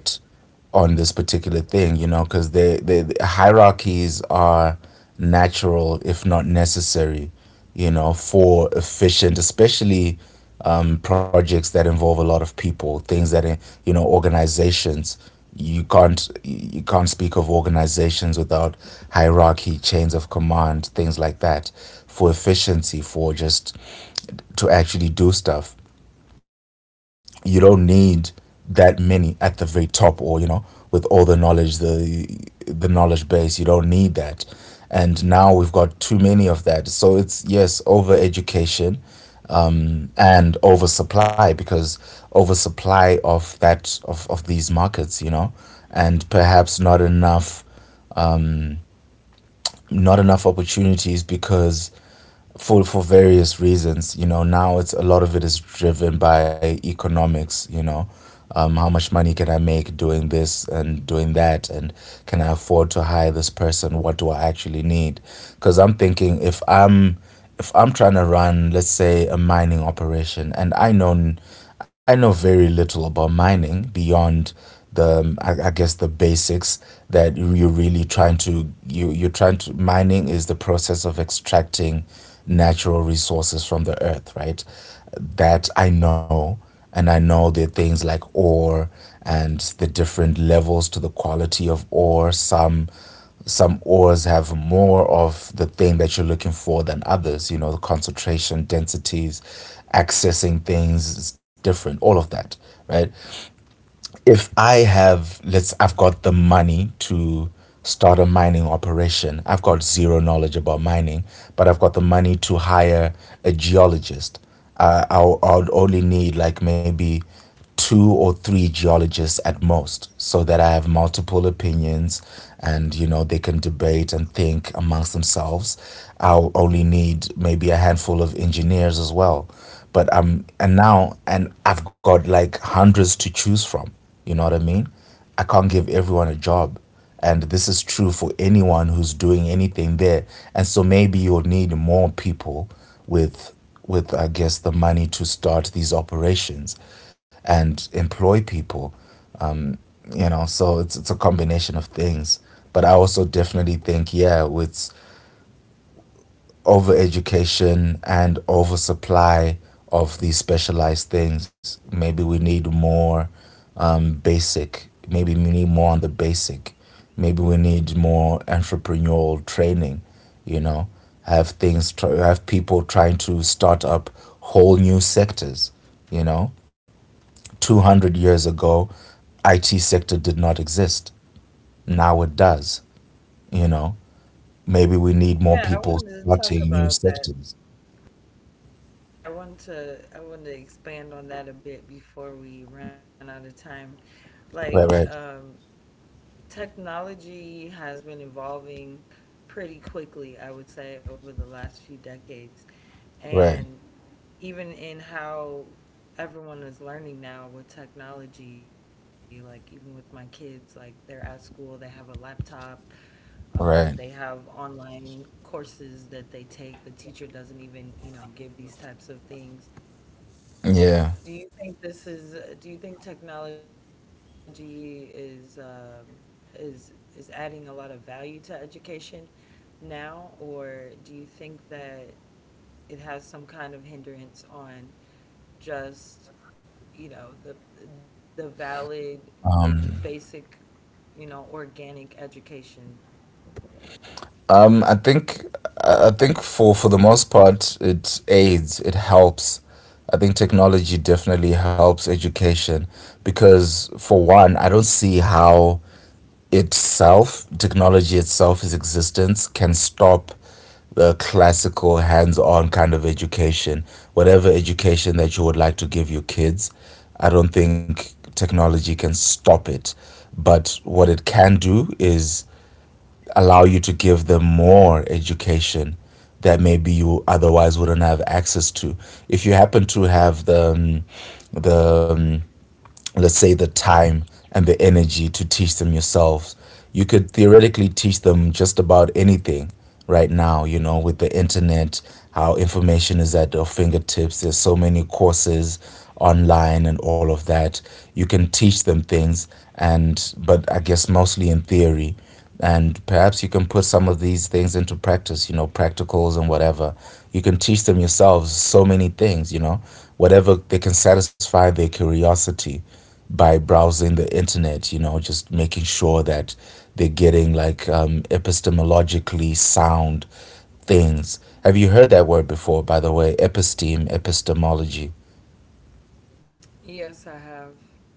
S2: on this particular thing, you know, because the hierarchies are natural if not necessary, you know, for efficient, especially projects that involve a lot of people, things that are, you know, organizations. You can't speak of organizations without hierarchy, chains of command, things like that, for efficiency, for just to actually do stuff. You don't need that many at the very top, or, you know, with all the knowledge, the knowledge base, you don't need that. And now we've got too many of that, so it's yes, over education, and oversupply, because oversupply of that, of these markets, you know, and perhaps not enough, um, not enough opportunities, because for various reasons, you know. Now it's, a lot of it is driven by economics, you know. How much money can I make doing this and doing that? And can I afford to hire this person? What do I actually need? Because I'm thinking, if I'm if I'm trying to run, let's say, a mining operation, and I know, I know very little about mining beyond the I guess the basics that are really trying to, you're trying to, mining is the process of extracting natural resources from the earth, right? That I know. And I know the things like ore, and the different levels to the quality of ore. Some ores have more of the thing that you're looking for than others, you know, the concentration densities. Accessing things is different. All of that, right? If I have, I've got the money to start a mining operation. I've got zero knowledge about mining, but I've got the money to hire a geologist. I'll only need like maybe two or three geologists at most, so that I have multiple opinions, and, you know, they can debate and think amongst themselves. I'll only need maybe a handful of engineers as well. But and now, and I've got like hundreds to choose from. You know what I mean? I can't give everyone a job. And this is true for anyone who's doing anything there. And so maybe you'll need more people with with, I guess, the money to start these operations and employ people, you know. So it's a combination of things. But I also definitely think, yeah, it's overeducation and oversupply of these specialized things. Maybe we need more basic. Maybe we need more on the basic. Maybe we need more entrepreneurial training. You know, have things have people trying to start up whole new sectors. You know, 200 years ago, IT sector did not exist. Now it does. You know, maybe we need more
S1: Yeah, I
S2: people
S1: wanted to talk
S2: starting new
S1: about that.
S2: sectors.
S1: Yeah, I wanted to expand on that a bit before we run out of time. Like,
S2: Right, right.
S1: um, Technology has been evolving pretty quickly, I would say, over the last few decades.
S2: Right,
S1: And even in how everyone is learning now with technology, like even with my kids, like they're at school, they have a laptop, they
S2: right.
S1: have online courses that they take. The teacher doesn't even, you know, give these types of things.
S2: Yeah.
S1: Do you think this is, do you think technology is, is adding a lot of value to education now? Or do you think that it has some kind of hindrance on just, you know, the valid,
S2: Um,
S1: basic, you know, organic education?
S2: I think I think for the most part, it aids, it helps. I think technology definitely helps education, because for one, I don't see how itself, technology itself, its existence can stop the classical hands-on kind of education. Whatever education that you would like to give your kids, I don't think technology can stop it. But what it can do is allow you to give them more education that maybe you otherwise wouldn't have access to. If you happen to have the the let's say the time and the energy to teach them yourselves, you could theoretically teach them just about anything right now, you know, with the internet. How information is at our fingertips, there's so many courses online and all of that. You can teach them things, and, but I guess mostly in theory, and perhaps you can put some of these things into practice, you know, practicals and whatever. You can teach them yourselves so many things, you know, whatever. They can satisfy their curiosity by browsing the internet, you know, just making sure that they're getting like epistemologically sound things. Have you heard that word before, by the way? Episteme, epistemology.
S1: Yes, I have.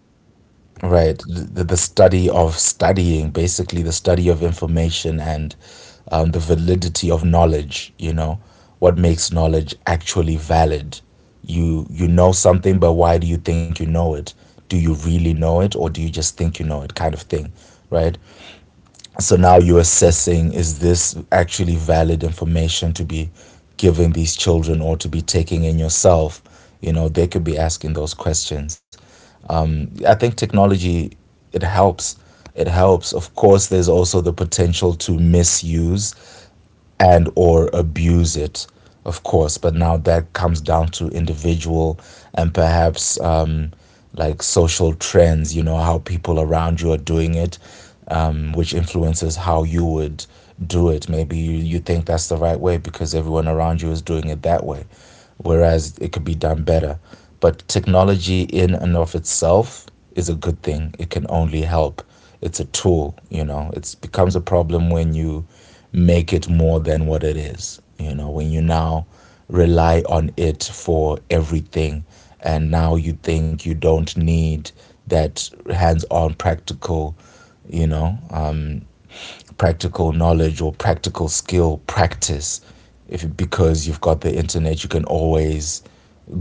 S2: Right. The study of studying, basically, the study of information and the validity of knowledge, you know, what makes knowledge actually valid. You know something, but why do you think you know it? Do you really know it, or do you just think you know it, kind of thing, right? So now you're assessing, is this actually valid information to be giving these children or to be taking in yourself? You know, they could be asking those questions. I think technology, it helps. It helps. Of course, there's also the potential to misuse and or abuse it, of course. But now that comes down to individual, and perhaps like social trends, you know, how people around you are doing it, which influences how you would do it. Maybe you think that's the right way because everyone around you is doing it that way, whereas it could be done better. But technology in and of itself is a good thing, it can only help. It's a tool, you know. It becomes a problem when you make it more than what it is. You know, when you now rely on it for everything, and now you think you don't need that hands on practical, you know, practical knowledge or practical skill practice. If because you've got the internet, you can always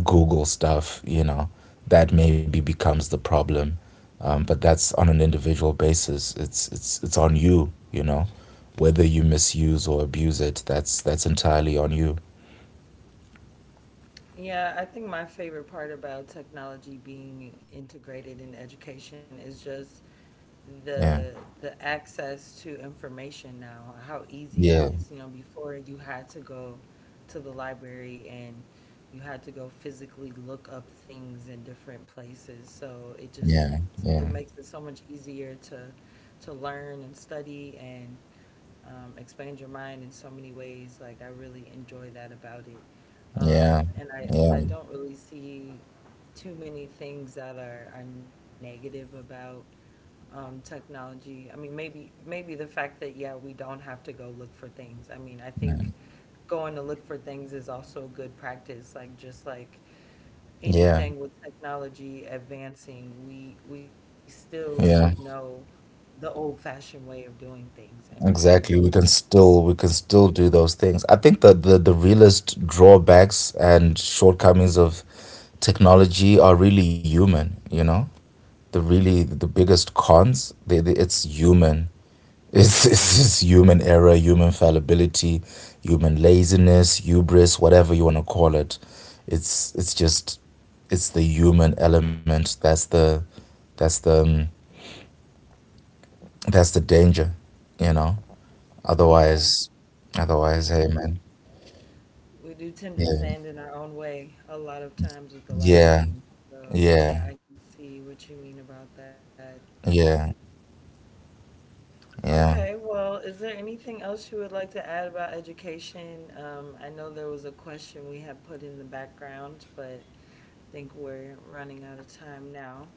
S2: Google stuff, you know, that maybe becomes the problem. But that's on an individual basis. It's on you, you know, whether you misuse or abuse it. That's entirely on you.
S1: Yeah, I think my favorite part about technology being integrated in education is just
S2: Yeah.
S1: the the access to information now, how easy it
S2: Yeah.
S1: is. You know, before you had to go to the library and you had to go physically look up things in different places. So
S2: Yeah.
S1: it just
S2: Yeah.
S1: it makes it so much easier to learn and study and expand your mind in so many ways. Like I really enjoy that about it.
S2: Yeah.
S1: Um, and I and
S2: Yeah.
S1: I don't really see too many things that are negative about technology. I mean, maybe maybe the fact that yeah, we don't have to go look for things. I mean, I
S2: Yeah.
S1: think going to look for things is also good practice. Like just like
S2: Yeah.
S1: anything with technology advancing, we still should
S2: Yeah.
S1: know the old-fashioned way of doing things, in my opinion.
S2: Exactly. We can still do those things. I think that the realest drawbacks and shortcomings of technology are really human, you know? The really the biggest cons, they it's human. It's, [laughs] it's human error, human fallibility, human laziness, hubris, whatever you want to call it. It's just it's the human element that's the that's the that's the danger, you know?
S1: Yeah,
S2: Otherwise
S1: we do
S2: otherwise, hey
S1: tend
S2: man.
S1: we do tend
S2: Yeah,
S1: to stand in our own way a lot of times with a lot of
S2: yeah,
S1: things. So
S2: yeah,
S1: yeah, I can see what you mean about that.
S2: yeah, yeah.
S1: Okay, well, is there anything else you would like to add about education? I know there was a question we had put in the background, but I think we're running out of time now.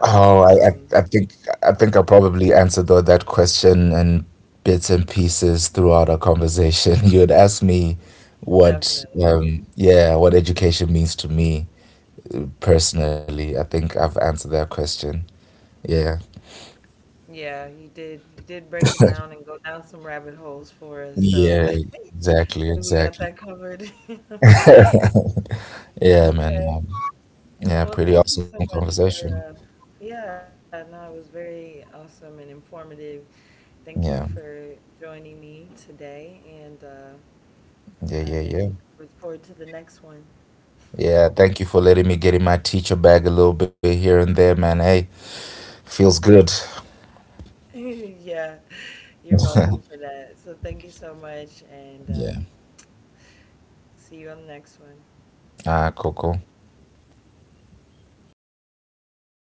S2: Oh, I think, I think I probably answered though that question in bits and pieces throughout our conversation. [laughs] You had asked me what,
S1: Definitely.
S2: yeah, what education means to me, personally. I think I've answered that question. Yeah,
S1: Yeah, you did break it down and go down some rabbit holes for us, so [laughs]
S2: yeah,
S1: I
S2: exactly,
S1: think we got
S2: exactly.
S1: that covered. [laughs]
S2: [laughs] Yeah, man.
S1: Okay.
S2: Yeah,
S1: Well,
S2: pretty
S1: thank you
S2: awesome
S1: so much for
S2: conversation.
S1: uh, yeah, no, it was very awesome and informative. Thank you
S2: Yeah,
S1: for joining me today, and
S2: yeah, yeah, yeah.
S1: I look forward to the next one. [laughs]
S2: Yeah, thank you for letting me get in my teacher bag a little bit here and there, man. Hey, feels good.
S1: Yeah, you're welcome for
S2: [laughs]
S1: that. So thank you so much, and
S2: Yeah.
S1: see you on the next one.
S2: Ah, cool, cool.